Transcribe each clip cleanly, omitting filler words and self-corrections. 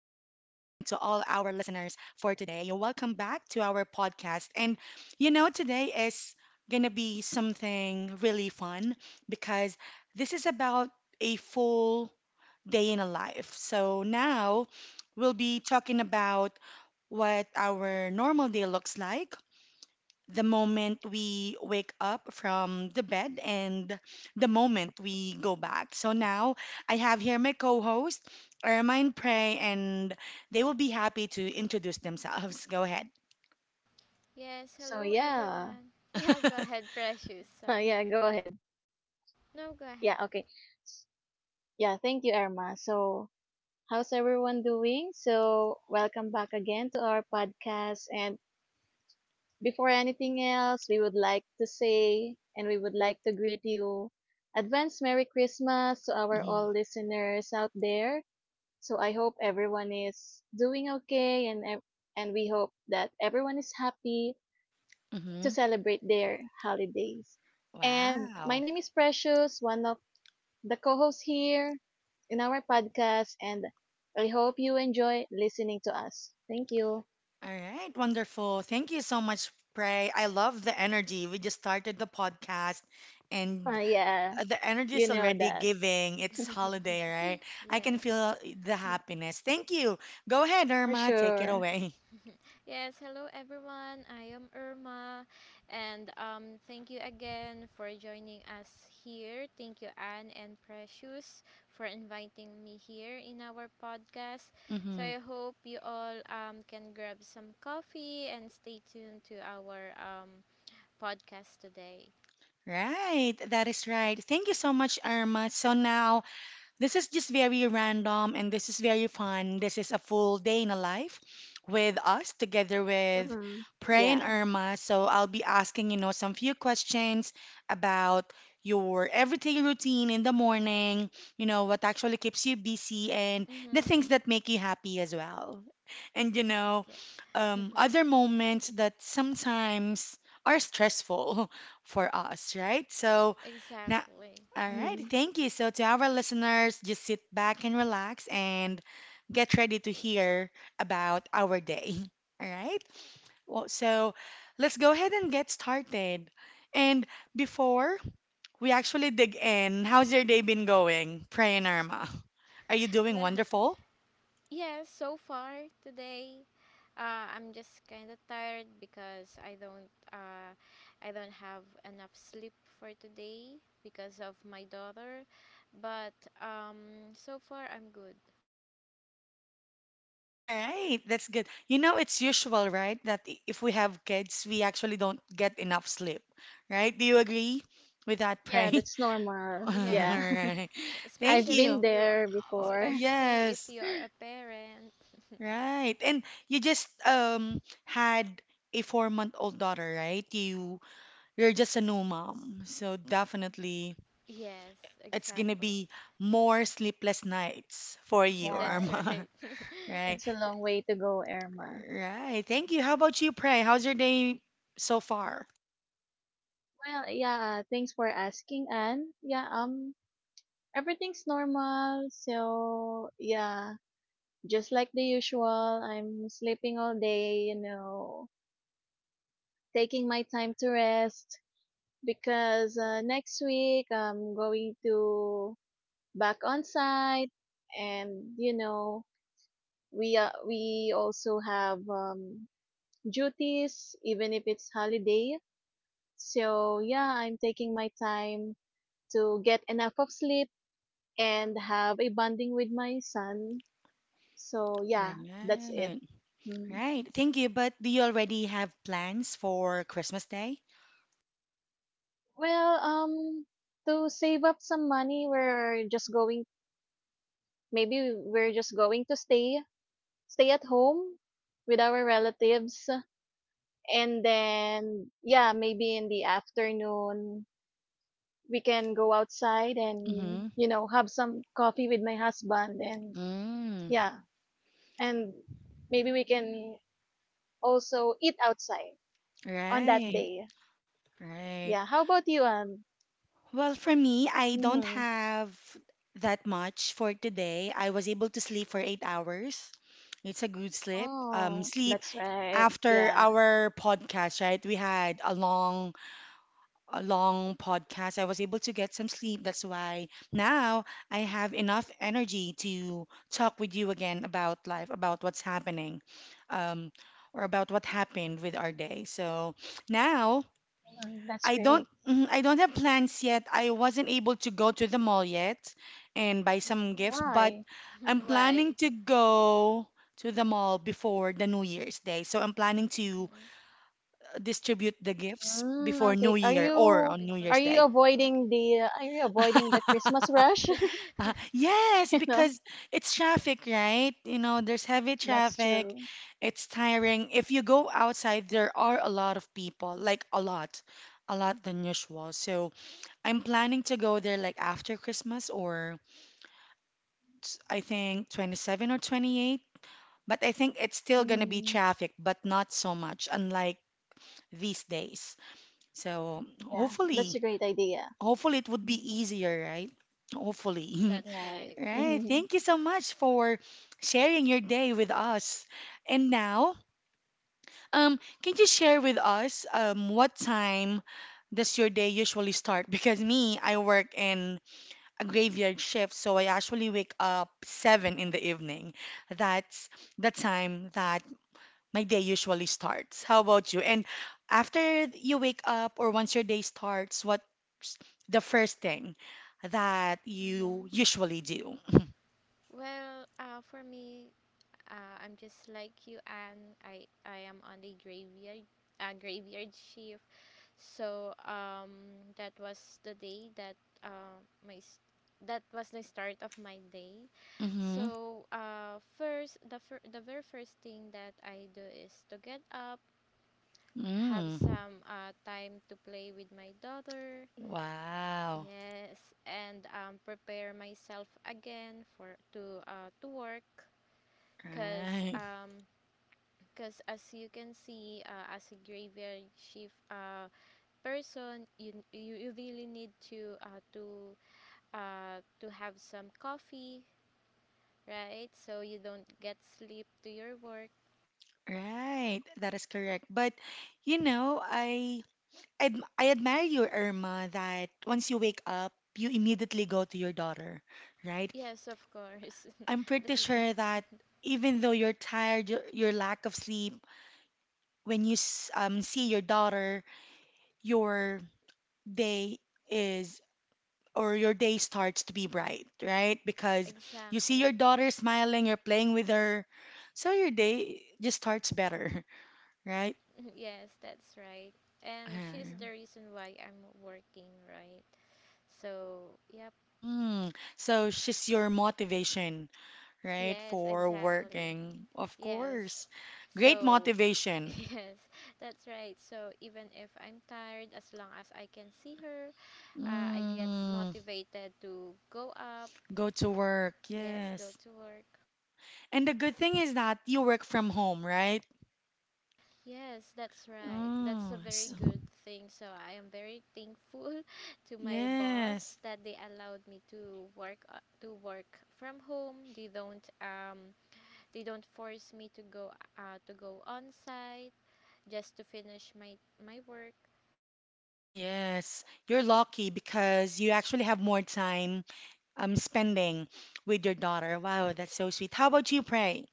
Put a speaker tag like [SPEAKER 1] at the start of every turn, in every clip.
[SPEAKER 1] our listeners for today. Welcome back to our podcast. And you know, today is going to be something really fun because this is about a full day in a life. So now we'll be talking about what our normal day looks like the moment we wake up from the bed and the moment we go back. So now I have here my co host, Ermine Prey, and they will be happy to introduce themselves. Go ahead.
[SPEAKER 2] Yes,
[SPEAKER 3] So
[SPEAKER 2] hello
[SPEAKER 3] yeah,
[SPEAKER 2] everyone. Yeah, go ahead, Precious. Sorry.
[SPEAKER 3] yeah, go ahead.
[SPEAKER 2] No, go
[SPEAKER 3] Yeah,
[SPEAKER 2] ahead.
[SPEAKER 3] okay. S- Yeah, thank you, Irma. So how's everyone doing? So welcome back again to our podcast. And before anything else, we would like to say and we would like to greet you. Advance Merry Christmas to our
[SPEAKER 1] Mhm,
[SPEAKER 3] all listeners out there. So I hope everyone is doing okay and we hope that everyone is happy to
[SPEAKER 1] mhm.
[SPEAKER 3] celebrate their holidays. And my
[SPEAKER 1] Wow.
[SPEAKER 3] name is Precious, one of the co host here in our podcast, and I hope you enjoy listening to us. Thank you.
[SPEAKER 1] All right. Wonderful. Thank you so much, Prey. I love the energy. We just started the podcast, and
[SPEAKER 3] Yeah,
[SPEAKER 1] the energy
[SPEAKER 3] you
[SPEAKER 1] is
[SPEAKER 3] know
[SPEAKER 1] already
[SPEAKER 3] that
[SPEAKER 1] giving. It's holiday, right? I can
[SPEAKER 2] Yes.
[SPEAKER 1] feel the happiness. Thank you. Go ahead,
[SPEAKER 3] for
[SPEAKER 1] Irma. Take it
[SPEAKER 3] sure.
[SPEAKER 1] away.
[SPEAKER 2] Yes, hello everyone. I am Irma and thank you again for joining us here. Thank you Anne and Precious for inviting me here in our podcast. So
[SPEAKER 1] Mm-hmm.
[SPEAKER 2] I hope you all can grab some coffee and stay tuned to our podcast today.
[SPEAKER 1] Right, that is right. Thank you so much, Irma. So now this is just very random and this is very fun. This is a full day in a life with us together with
[SPEAKER 3] hmm
[SPEAKER 1] Pray and
[SPEAKER 3] Yeah.
[SPEAKER 1] Irma. So I'll be asking, you know, some few questions about your everyday routine in the morning, you know, what actually keeps you busy and the
[SPEAKER 2] Mhm.
[SPEAKER 1] things that make you happy as well. And, you know,
[SPEAKER 2] Okay.
[SPEAKER 1] other moments that sometimes are stressful for us, right? So now
[SPEAKER 2] Exactly.
[SPEAKER 1] all right,
[SPEAKER 3] hmm
[SPEAKER 1] thank you. So, to our listeners, just sit back and relax and get ready to hear about our day. All right? Well, so, let's go ahead and get started. And before we actually dig in, how's your day been going, Pray and Irma? Are you doing
[SPEAKER 2] Well,
[SPEAKER 1] wonderful?
[SPEAKER 2] yes, so far today, I'm just kind of tired because I don't have enough sleep for today because of my daughter. But so far I'm good.
[SPEAKER 1] All right, that's good. You know, it's usual, right, that if we have kids, we actually don't get enough sleep, right? Do you agree with that,
[SPEAKER 3] Yeah,
[SPEAKER 1] Pray?
[SPEAKER 3] that's normal.
[SPEAKER 1] All
[SPEAKER 3] Yeah,
[SPEAKER 2] Yes,
[SPEAKER 1] right. Thank
[SPEAKER 3] I've
[SPEAKER 2] especially if
[SPEAKER 3] been
[SPEAKER 1] you.
[SPEAKER 2] you,
[SPEAKER 3] there
[SPEAKER 1] Oh,
[SPEAKER 3] before.
[SPEAKER 2] especially if
[SPEAKER 1] yes,
[SPEAKER 2] you are a parent.
[SPEAKER 1] right. And you just had a four-month-old daughter, right? You're just a new mom, so definitely
[SPEAKER 2] Yes,
[SPEAKER 1] it's gonna
[SPEAKER 2] exactly.
[SPEAKER 1] be more sleepless nights for you,
[SPEAKER 2] That's
[SPEAKER 3] Yeah,
[SPEAKER 1] Irma.
[SPEAKER 2] right.
[SPEAKER 1] Right,
[SPEAKER 3] it's a long way to go, Irma.
[SPEAKER 1] right. Thank you. How about you, Pray? How's your day so far?
[SPEAKER 3] Well, yeah, thanks for asking, Anne. Yeah, everything's normal. So, yeah, just like the usual, I'm sleeping all day, you know, taking my time to rest because next week I'm going to back on site, and you know we also have duties even if it's holiday. So yeah, I'm taking my time to get enough of sleep and have a bonding with my son. So yeah, that's it
[SPEAKER 1] Right,
[SPEAKER 3] Mm.
[SPEAKER 1] right. Thank you. But do you already have plans for Christmas Day?
[SPEAKER 3] Well, to save up some money, we're just going maybe we're just going to stay at home with our relatives. And then yeah, maybe in the afternoon we can go outside and
[SPEAKER 1] Mm-hmm.
[SPEAKER 3] you know have some coffee with my husband. and
[SPEAKER 1] Mm,
[SPEAKER 3] yeah and maybe we can also eat outside on that
[SPEAKER 1] right,
[SPEAKER 3] day.
[SPEAKER 1] right.
[SPEAKER 3] Yeah, how about you?
[SPEAKER 1] Well, for me, I don't
[SPEAKER 3] Mm-hmm.
[SPEAKER 1] have that much for today. I was able to sleep for 8 hours. It's a good sleep. Um,
[SPEAKER 3] Oh,
[SPEAKER 1] sleep
[SPEAKER 3] that's right,
[SPEAKER 1] after
[SPEAKER 3] yeah.
[SPEAKER 1] our podcast, right? We had a long podcast. I was able to get some sleep. That's why now I have enough energy to talk with you again about life, about what's happening, um, or about what happened with our day. So now.
[SPEAKER 3] Mm, that's
[SPEAKER 1] I don't
[SPEAKER 3] great.
[SPEAKER 1] I don't have plans yet. I wasn't able to go to the mall yet and buy some gifts,
[SPEAKER 2] Mm.
[SPEAKER 1] but
[SPEAKER 3] Why?
[SPEAKER 1] I'm planning
[SPEAKER 2] Why?
[SPEAKER 1] to go to the mall before the New Year's Day. So I'm planning to
[SPEAKER 2] Hmm.
[SPEAKER 1] distribute the gifts before
[SPEAKER 3] Mm, okay.
[SPEAKER 1] New
[SPEAKER 3] Are
[SPEAKER 1] Year
[SPEAKER 2] Oh,
[SPEAKER 1] or
[SPEAKER 3] you
[SPEAKER 1] on New
[SPEAKER 2] before.
[SPEAKER 3] are
[SPEAKER 1] Year's
[SPEAKER 3] you
[SPEAKER 1] Day.
[SPEAKER 3] avoiding the, are you avoiding the Christmas rush?
[SPEAKER 2] Okay.
[SPEAKER 1] Uh, yes,
[SPEAKER 3] You know,
[SPEAKER 1] because it's traffic, right? You know, there's heavy
[SPEAKER 3] that's
[SPEAKER 1] traffic.
[SPEAKER 3] true.
[SPEAKER 1] It's tiring. If you go outside, there are a lot of people, like a lot than usual. So I'm planning to go there like after Christmas, or I think 27 or 28. But I think it's still going to be
[SPEAKER 3] hmm
[SPEAKER 1] traffic, but not so much, unlike these days. So
[SPEAKER 3] Yeah, that's
[SPEAKER 1] hopefully,
[SPEAKER 3] a great idea.
[SPEAKER 1] hopefully it would be
[SPEAKER 3] Mm,
[SPEAKER 1] easier, right? Hopefully.
[SPEAKER 2] That's
[SPEAKER 3] Right.
[SPEAKER 2] right.
[SPEAKER 1] Right. Thank you so much for sharing your day with us. And now, can you share with us what time does your day usually start? Because me, I work in a graveyard shift, so I actually wake up 7 in the evening. That's the time that my day usually starts. How about you? And after you wake up or once your day starts, what's the first thing that
[SPEAKER 2] Hmm.
[SPEAKER 1] you usually do?
[SPEAKER 2] Well, for me, I'm just like you, and I am on the graveyard graveyard shift. So that was the day that uh, my s- that was the start of my day.
[SPEAKER 1] Mm-hmm.
[SPEAKER 2] So first, the very first thing that I do is to get up, have
[SPEAKER 1] Mm.
[SPEAKER 2] some time to play with my daughter.
[SPEAKER 1] Wow.
[SPEAKER 2] Yes, and prepare myself again for to work because
[SPEAKER 1] Right.
[SPEAKER 2] 'cause as you can see as a graveyard shift person, you you really need to to have some coffee, right, so you don't get sleep to your work.
[SPEAKER 1] Right. That is correct. But you know, I admire you, Irma, that once you wake up, you immediately go to your daughter, right?
[SPEAKER 2] Yes, of course.
[SPEAKER 1] I'm pretty
[SPEAKER 2] That's
[SPEAKER 1] sure that even though you're tired, your lack of sleep, when you see your daughter, your day is or your day starts to be bright, right? Because you see your
[SPEAKER 2] exactly.
[SPEAKER 1] daughter smiling, you're playing with her, so your day just starts better, right?
[SPEAKER 2] Yes, that's right, and she's
[SPEAKER 1] Uh,
[SPEAKER 2] the reason why I'm working, right? So yeah.
[SPEAKER 1] Mm. So she's your motivation, right?
[SPEAKER 2] Yes,
[SPEAKER 1] For
[SPEAKER 2] exactly.
[SPEAKER 1] working, of
[SPEAKER 2] Yes.
[SPEAKER 1] course. Great
[SPEAKER 2] So,
[SPEAKER 1] motivation.
[SPEAKER 2] yes, that's right. So, even if I'm tired, as long as I can see her, I get
[SPEAKER 1] Mm,
[SPEAKER 2] motivated to go up.
[SPEAKER 1] go to work,
[SPEAKER 2] Yes, go
[SPEAKER 1] yes.
[SPEAKER 2] to work.
[SPEAKER 1] And the good thing is that you work from home, right?
[SPEAKER 2] Yes, that's right. That's a
[SPEAKER 1] Oh,
[SPEAKER 2] very
[SPEAKER 1] s-
[SPEAKER 2] good thing. So, I am very thankful to my boss
[SPEAKER 1] yes.
[SPEAKER 2] that they allowed me to work from home. They don't force me to go on site just to finish my work.
[SPEAKER 1] Yes, you're lucky because you actually have more time spending with your daughter. Wow, that's so sweet. How about you, Pray?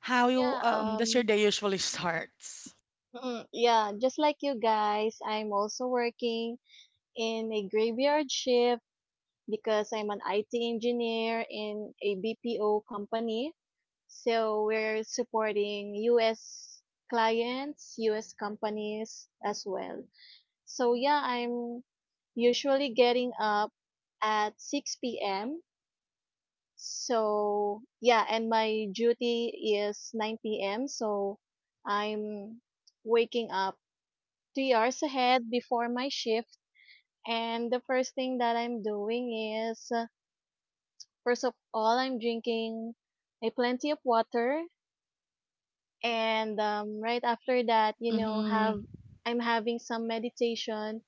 [SPEAKER 1] How you
[SPEAKER 3] Yeah.
[SPEAKER 1] does your
[SPEAKER 3] Um.
[SPEAKER 1] day usually starts?
[SPEAKER 3] Yeah. Just like you guys, I'm also working in a graveyard shift because I'm an IT engineer in a BPO company. So we're supporting U.S. clients, U.S. companies as well. So yeah, I'm usually getting up at 6 p.m. So yeah, and my duty is 9 p.m. So I'm waking up 3 hours ahead before my shift. And the first thing that I'm doing is, first of all, I'm drinking a plenty of water. And right after that, you know,
[SPEAKER 1] Mm-hmm.
[SPEAKER 3] have I'm having some meditation.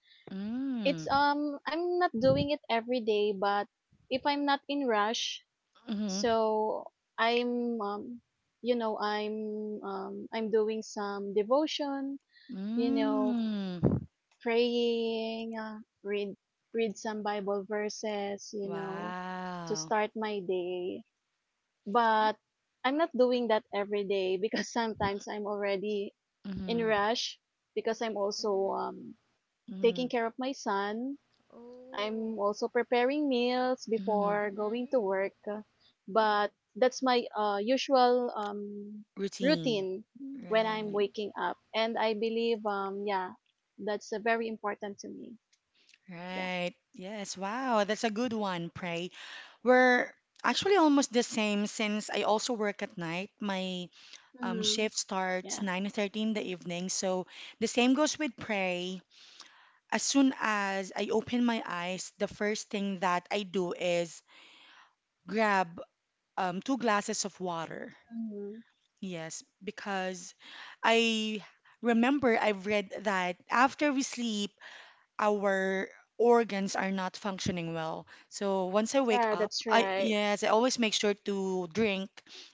[SPEAKER 3] It's
[SPEAKER 1] Mm.
[SPEAKER 3] I'm not doing it every day, but if I'm not in rush,
[SPEAKER 1] Mm-hmm.
[SPEAKER 3] so I'm um you know I'm I'm doing some devotion, you know,
[SPEAKER 1] Mm.
[SPEAKER 3] praying, read some Bible verses, you know, to
[SPEAKER 1] Wow.
[SPEAKER 3] start my day. But I'm not doing that every day because sometimes I'm already in
[SPEAKER 1] Mm-hmm.
[SPEAKER 3] rush because I'm also
[SPEAKER 2] Mhm.
[SPEAKER 3] um
[SPEAKER 1] Mm-hmm.
[SPEAKER 3] taking care of my son. I'm
[SPEAKER 2] Oh.
[SPEAKER 3] also preparing meals
[SPEAKER 1] Mm-hmm.
[SPEAKER 3] before going
[SPEAKER 2] Mhm.
[SPEAKER 3] to work, but that's my usual
[SPEAKER 1] Routine.
[SPEAKER 3] routine
[SPEAKER 1] Mm.
[SPEAKER 3] when I'm
[SPEAKER 1] Right.
[SPEAKER 2] Mhm.
[SPEAKER 3] waking up. And I believe, yeah, that's very important to me. Yeah,
[SPEAKER 1] Right. Yes. Wow. That's a good one, Pray. We're actually almost the same since I also work at night. My
[SPEAKER 3] Mm-hmm.
[SPEAKER 1] shift starts
[SPEAKER 3] yeah,
[SPEAKER 1] 9:30 in the evening. So the same goes with Pray. As soon as I open my eyes, the first thing that I do is grab two glasses of water.
[SPEAKER 3] Mm-hmm.
[SPEAKER 1] Yes, because I remember I've read that after we sleep, our organs are not functioning well. So once I wake
[SPEAKER 3] Yeah,
[SPEAKER 1] up,
[SPEAKER 3] that's
[SPEAKER 1] I
[SPEAKER 3] right.
[SPEAKER 1] yes, I always make sure to drink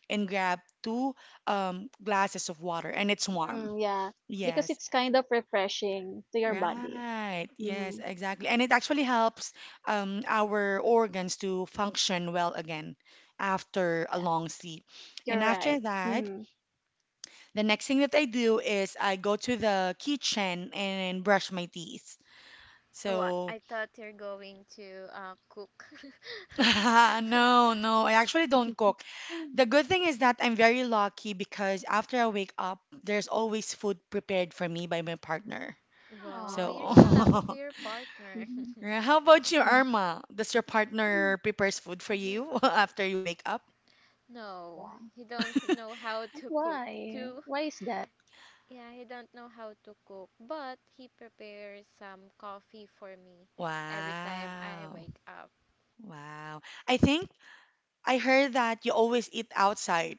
[SPEAKER 1] and grab two glasses of water, and it's warm.
[SPEAKER 3] Yeah, because
[SPEAKER 1] Yes,
[SPEAKER 3] it's kind of refreshing to your body.
[SPEAKER 1] right. Yes,
[SPEAKER 3] Mm-hmm.
[SPEAKER 1] exactly. And it actually helps our organs to function well again after a
[SPEAKER 3] Yeah,
[SPEAKER 1] long sleep. And
[SPEAKER 3] you're
[SPEAKER 1] after
[SPEAKER 3] right.
[SPEAKER 1] that,
[SPEAKER 3] Mm-hmm.
[SPEAKER 1] the next thing that I do is I go to the kitchen and brush my teeth.
[SPEAKER 2] Oh,
[SPEAKER 1] So,
[SPEAKER 2] I thought you're going to cook.
[SPEAKER 1] no, no, I actually don't cook. The good thing is that I'm very lucky because after I wake up, there's always food prepared for me by my partner.
[SPEAKER 2] Wow,
[SPEAKER 3] Oh,
[SPEAKER 2] you're
[SPEAKER 1] So,
[SPEAKER 2] so
[SPEAKER 3] wow.
[SPEAKER 2] lucky to your partner.
[SPEAKER 1] yeah, how about you,
[SPEAKER 3] mm
[SPEAKER 1] Irma? Does your partner prepares food for
[SPEAKER 2] Mhm.
[SPEAKER 1] you after you wake up?
[SPEAKER 2] No,
[SPEAKER 3] Yeah.
[SPEAKER 2] he don't know how to cook
[SPEAKER 3] Why?
[SPEAKER 2] too.
[SPEAKER 3] Why is that?
[SPEAKER 2] Yeah, he don't know how to cook, but he prepares some coffee for me every time I
[SPEAKER 1] Wow.
[SPEAKER 2] wake up.
[SPEAKER 1] Wow. I think I heard that you always eat outside,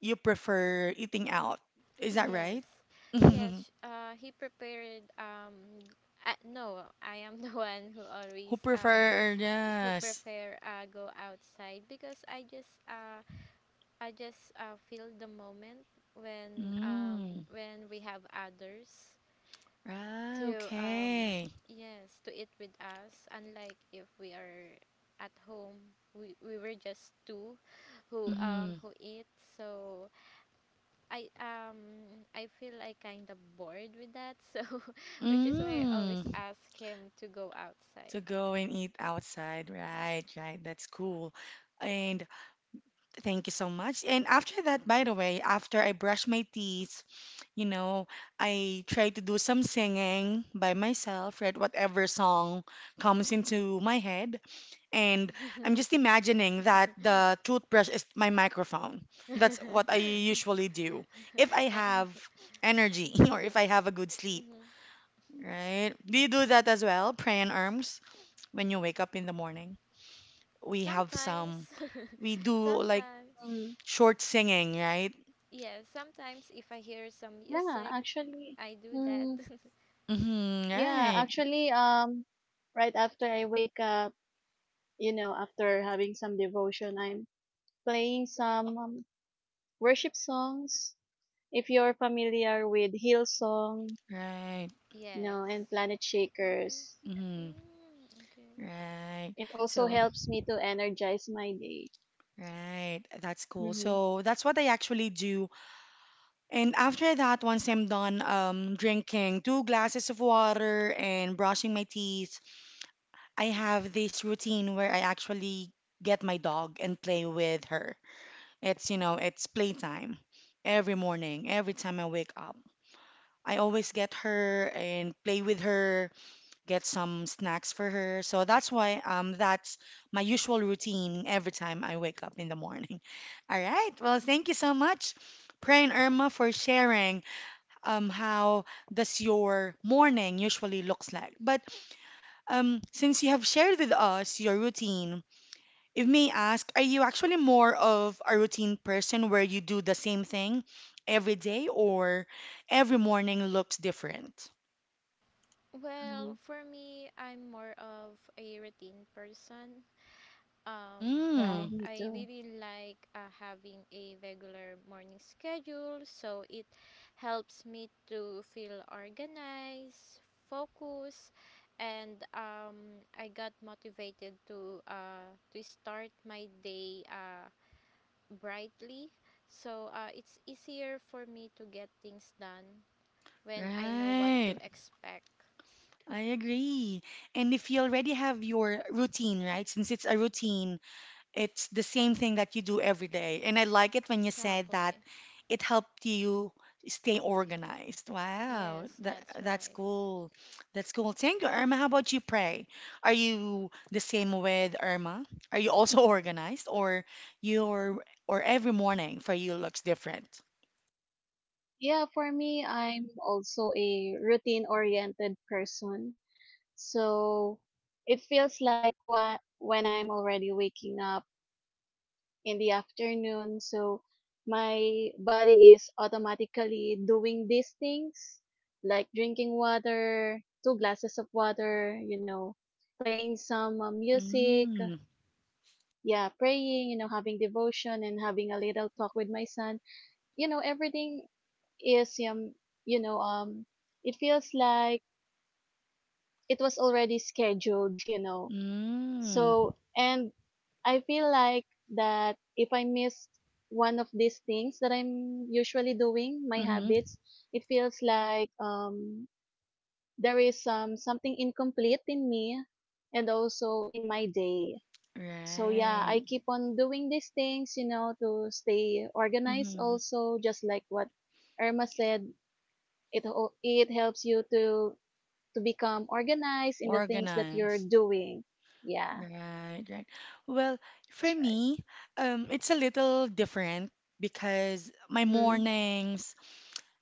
[SPEAKER 1] you prefer eating out. Is that
[SPEAKER 2] Yes,
[SPEAKER 1] right? Who
[SPEAKER 2] yes. He prepared. No, I am the one who always
[SPEAKER 1] prefer,
[SPEAKER 2] who
[SPEAKER 1] yes.
[SPEAKER 2] prefer go outside because I just feel the moment
[SPEAKER 1] Mm.
[SPEAKER 2] when we have others
[SPEAKER 1] Ah,
[SPEAKER 2] to
[SPEAKER 1] okay.
[SPEAKER 2] yes to eat with us. Unlike if we are at home, we were just two
[SPEAKER 1] Mm.
[SPEAKER 2] who eat. So, I um I feel like kind of bored with that, so which is why I always
[SPEAKER 1] Mm.
[SPEAKER 2] ask him to go
[SPEAKER 1] To
[SPEAKER 2] outside.
[SPEAKER 1] go and eat outside. Right, right. That's cool. And thank you so much. And after that, by the way, after I brush my teeth, you know, I try to do some singing by myself, right? Whatever song comes into my head. And I'm just imagining that the toothbrush is my microphone. That's what I usually do if I
[SPEAKER 2] I
[SPEAKER 1] have energy or if I have a good sleep,
[SPEAKER 2] hmm,
[SPEAKER 1] right? Do you do that as well, pray and arms, when you wake up in the morning? We have
[SPEAKER 2] sometimes.
[SPEAKER 1] some, we do like
[SPEAKER 2] Sometimes
[SPEAKER 3] Mm.
[SPEAKER 1] short singing, right?
[SPEAKER 2] yes. Sometimes if I hear some
[SPEAKER 3] Yeah,
[SPEAKER 2] music,
[SPEAKER 3] actually,
[SPEAKER 2] I do that.
[SPEAKER 3] mm,
[SPEAKER 1] Mm-hmm,
[SPEAKER 3] yeah,
[SPEAKER 1] right,
[SPEAKER 3] actually, um, right after I wake up, you know, after having some devotion, I'm playing some worship songs. If you're familiar with Hillsong,
[SPEAKER 1] right,
[SPEAKER 3] you know,
[SPEAKER 2] Yes.
[SPEAKER 3] and Planet
[SPEAKER 2] Mhm.
[SPEAKER 3] Shakers,
[SPEAKER 1] mm-hmm,
[SPEAKER 2] Mm, okay.
[SPEAKER 1] right.
[SPEAKER 3] it also
[SPEAKER 1] So,
[SPEAKER 3] helps me to energize my day.
[SPEAKER 1] right, that's cool.
[SPEAKER 3] Mm-hmm.
[SPEAKER 1] So that's what I actually do. And after that, once I'm done drinking two glasses of water and brushing my teeth, I have this routine where I actually get my dog and play with her. It's, you know, it's playtime every morning, every time I wake up. I always get her and play with her, get some snacks for her. So that's why that's my usual routine every time I wake up in the morning. All right. Well, thank you so much, Pray and Irma, for sharing how does your morning usually looks like? But since you have shared with us your routine, if may ask, are you actually more of a routine person where you do the same thing every day or every morning looks different?
[SPEAKER 3] Mm-hmm.
[SPEAKER 2] Well, for me, I'm more of a routine person. Um,
[SPEAKER 3] Yeah.
[SPEAKER 2] I
[SPEAKER 1] Mm,
[SPEAKER 3] Me
[SPEAKER 2] I
[SPEAKER 3] too.
[SPEAKER 2] really like having a regular morning schedule, so it helps me to feel organized, focused, and I got motivated to start my day brightly. So it's easier for me to get things done when I know what to
[SPEAKER 1] right.
[SPEAKER 2] expect.
[SPEAKER 1] I agree. And if you already have your routine, right? Since it's a routine, it's the same thing that you do every day. And I like it when you said that
[SPEAKER 2] Exactly.
[SPEAKER 1] it helped you stay organized. Wow,
[SPEAKER 2] Yes,
[SPEAKER 1] that
[SPEAKER 2] that's
[SPEAKER 1] that's
[SPEAKER 2] right.
[SPEAKER 1] cool. That's cool. Thank you, Irma. How about you, Pray? Are you the same with Irma? Are you also organized or your or every morning for you looks different?
[SPEAKER 3] Yeah, for me, I'm also a routine-oriented person. So it feels like when I'm already waking up in the afternoon, so my body is automatically doing these things like drinking water, two glasses of water, you know, playing some music,
[SPEAKER 1] Mm,
[SPEAKER 3] yeah, praying, you know, having devotion and having a little talk with my son. You know, everything is you know, um it feels like it was already scheduled, you know.
[SPEAKER 1] mm,
[SPEAKER 3] So, and I feel like that if I miss one of these things that I'm usually doing, my
[SPEAKER 1] mm-hmm.
[SPEAKER 3] habits, it feels like there is something incomplete in me and also in my day. So yeah, I
[SPEAKER 1] Right.
[SPEAKER 3] keep on doing these things, you know, to stay organized
[SPEAKER 1] Mm-hmm.
[SPEAKER 3] also just like what Irma said, it helps you to become organized in the things that you're
[SPEAKER 1] Organized.
[SPEAKER 3] doing. Yeah,
[SPEAKER 1] Right, right. Well, for
[SPEAKER 3] that's right.
[SPEAKER 1] me, it's a little different because my
[SPEAKER 3] Mm-hmm.
[SPEAKER 1] mornings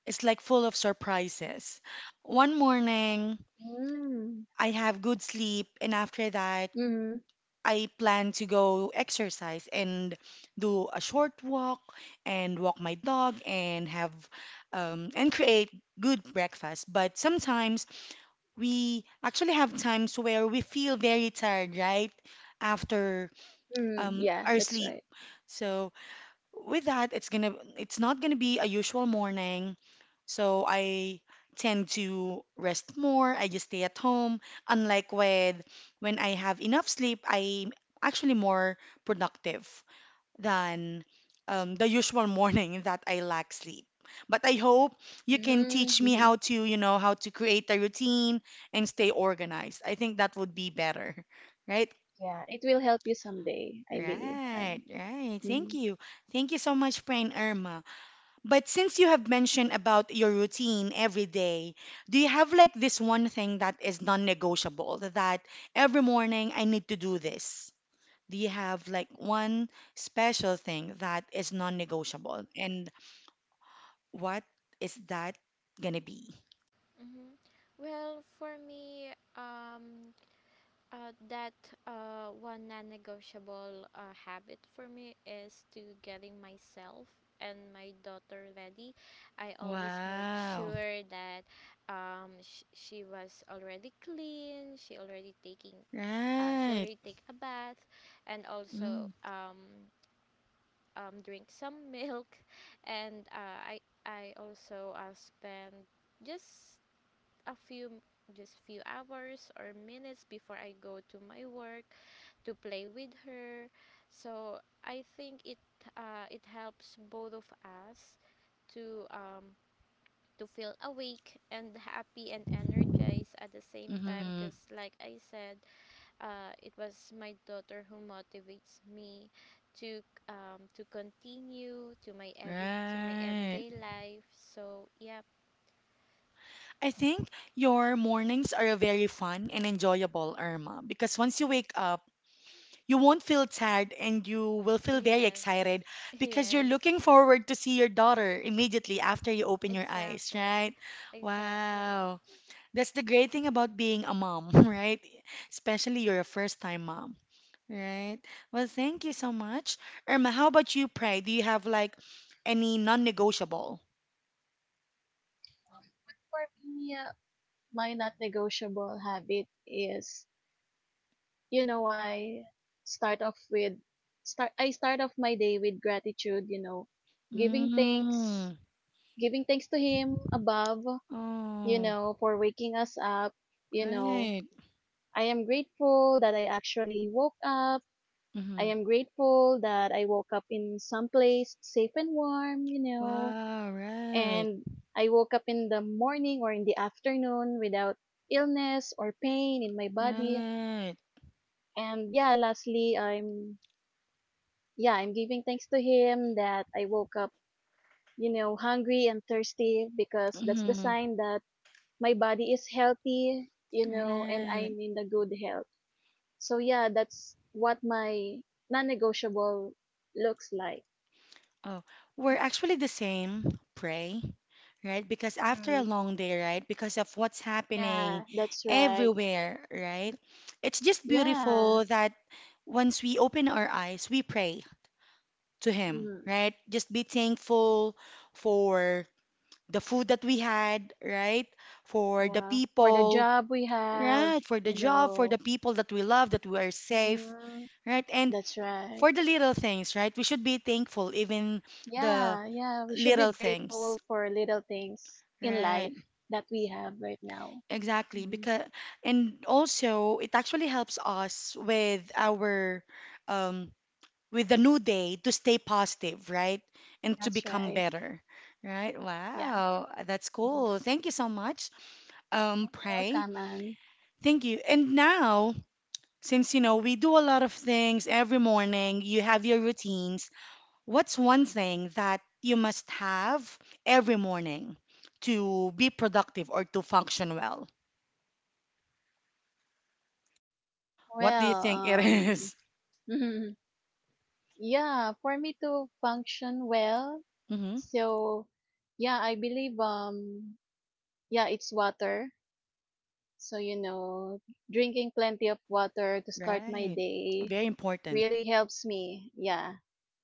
[SPEAKER 1] is like full of surprises. One morning,
[SPEAKER 3] Mm.
[SPEAKER 1] I have good sleep, and after that,
[SPEAKER 3] Mm.
[SPEAKER 1] I plan to go exercise and do a short walk and walk my dog and have and create good breakfast. But sometimes we actually have times where we feel very tired, right? After
[SPEAKER 3] Mm. Yeah,
[SPEAKER 1] our
[SPEAKER 3] that's
[SPEAKER 1] sleep.
[SPEAKER 3] right.
[SPEAKER 1] So with that, it's gonna it's not gonna be a usual morning. So I tend to rest more. I just stay at home. Unlike with when I have enough sleep, I'm actually more productive than the usual morning that I lack sleep. But I hope you can
[SPEAKER 3] Mm.
[SPEAKER 1] teach me
[SPEAKER 3] mhm.
[SPEAKER 1] how to, you know, how to create a routine and stay organized. I think that would be better, right?
[SPEAKER 3] Yeah, it will help you someday, I believe.
[SPEAKER 1] Right,
[SPEAKER 3] And
[SPEAKER 1] right. Thank
[SPEAKER 3] mhm.
[SPEAKER 1] you. Thank you so much, Prain Irma. But since you have mentioned about your routine every day, do you have like this one thing that is non-negotiable that every morning I need to do this? Do you have like one special thing that is non-negotiable? And what is that gonna be?
[SPEAKER 2] Mm-hmm. Well, for me, um, that one non-negotiable habit for me is to getting myself and my daughter ready. I always make
[SPEAKER 1] Wow.
[SPEAKER 2] sure that she was already clean. She already taking. She
[SPEAKER 1] Right.
[SPEAKER 2] already take a bath, and also drink some milk, and I also spend just a few just few hours or minutes before I go to my work to play with her. So I think it helps both of us to um, to feel awake and happy and energized at the same time
[SPEAKER 1] Mm-hmm.
[SPEAKER 2] because, like I said, it was my daughter who motivates me to to continue to my every to my
[SPEAKER 1] Right.
[SPEAKER 2] everyday life, so yep.
[SPEAKER 1] I think your mornings are very fun and enjoyable, Irma, because once you wake up, you won't feel tired and you will feel very
[SPEAKER 2] Yes.
[SPEAKER 1] excited because
[SPEAKER 2] Yes.
[SPEAKER 1] you're looking forward to see your daughter immediately after you open your eyes,
[SPEAKER 2] Exactly.
[SPEAKER 1] right?
[SPEAKER 2] Exactly.
[SPEAKER 1] Wow. That's the great thing about being a mom, right? Especially you're a first-time mom, right? Well, thank you so much. Irma, how about you, Pray? Do you have like any non-negotiable?
[SPEAKER 3] But for me, my not negotiable habit is, you know, I start off with start. I start off my day with gratitude. You know, giving thanks,
[SPEAKER 1] Mm.
[SPEAKER 3] giving thanks to Him above. You
[SPEAKER 1] Oh,
[SPEAKER 3] know, for waking us up. You know,
[SPEAKER 1] right.
[SPEAKER 3] I am grateful that I actually woke up. I
[SPEAKER 1] Mm-hmm.
[SPEAKER 3] am grateful that I woke up in some place safe and warm, you know,
[SPEAKER 1] Wow, right.
[SPEAKER 3] and I woke up in the morning or in the afternoon without illness or pain in my body.
[SPEAKER 1] Right.
[SPEAKER 3] And yeah, lastly, I'm yeah, I'm giving thanks to him that I woke up, you know, hungry and thirsty because that's the
[SPEAKER 1] Mm-hmm.
[SPEAKER 3] sign that my body is healthy, you know, and
[SPEAKER 1] Right.
[SPEAKER 3] I'm in the good health. So yeah, that's what my non-negotiable looks like.
[SPEAKER 1] Oh, we're actually the same, pray, right? Because after a long day, right? Because of what's happening
[SPEAKER 3] Yeah, that's right.
[SPEAKER 1] everywhere, right? It's just
[SPEAKER 3] Yeah.
[SPEAKER 1] beautiful that once we open our eyes, we pray to Him,
[SPEAKER 3] Mm,
[SPEAKER 1] right? Just be thankful for the food that we had, right? For the
[SPEAKER 3] yeah. For the
[SPEAKER 1] people,
[SPEAKER 3] job we have,
[SPEAKER 1] right? For the
[SPEAKER 3] you
[SPEAKER 1] job, for the
[SPEAKER 3] know.
[SPEAKER 1] people that we love, that we are safe,
[SPEAKER 3] Hmm.
[SPEAKER 1] right? And
[SPEAKER 3] That's right.
[SPEAKER 1] for the little things, right? We should be thankful even the
[SPEAKER 3] Yeah. We should be
[SPEAKER 1] little things.
[SPEAKER 3] grateful for little things in
[SPEAKER 1] Right,
[SPEAKER 3] life that we have right now.
[SPEAKER 1] exactly.
[SPEAKER 3] Mm,
[SPEAKER 1] Because and also it actually helps us with our um with the new day to stay positive, right? And to
[SPEAKER 3] that's
[SPEAKER 1] become
[SPEAKER 3] right.
[SPEAKER 1] better. Right?
[SPEAKER 3] Yeah.
[SPEAKER 1] Wow, that's
[SPEAKER 3] Mhm.
[SPEAKER 1] cool. Thank you so much.
[SPEAKER 3] You're
[SPEAKER 1] Pray.
[SPEAKER 3] welcome, Anne.
[SPEAKER 1] Thank you. And now, since we do a lot of things every morning, you have your routines. What's one thing that you must have every morning to be productive or to function well? What do you
[SPEAKER 3] Well,
[SPEAKER 1] think it
[SPEAKER 3] um,
[SPEAKER 1] is?
[SPEAKER 3] yeah, for me to function well,
[SPEAKER 1] Mm-hmm.
[SPEAKER 3] so yeah, I believe yeah, it's water. So, you know, drinking plenty of water to start my
[SPEAKER 1] Right.
[SPEAKER 3] day
[SPEAKER 1] Very important.
[SPEAKER 3] really helps me, yeah,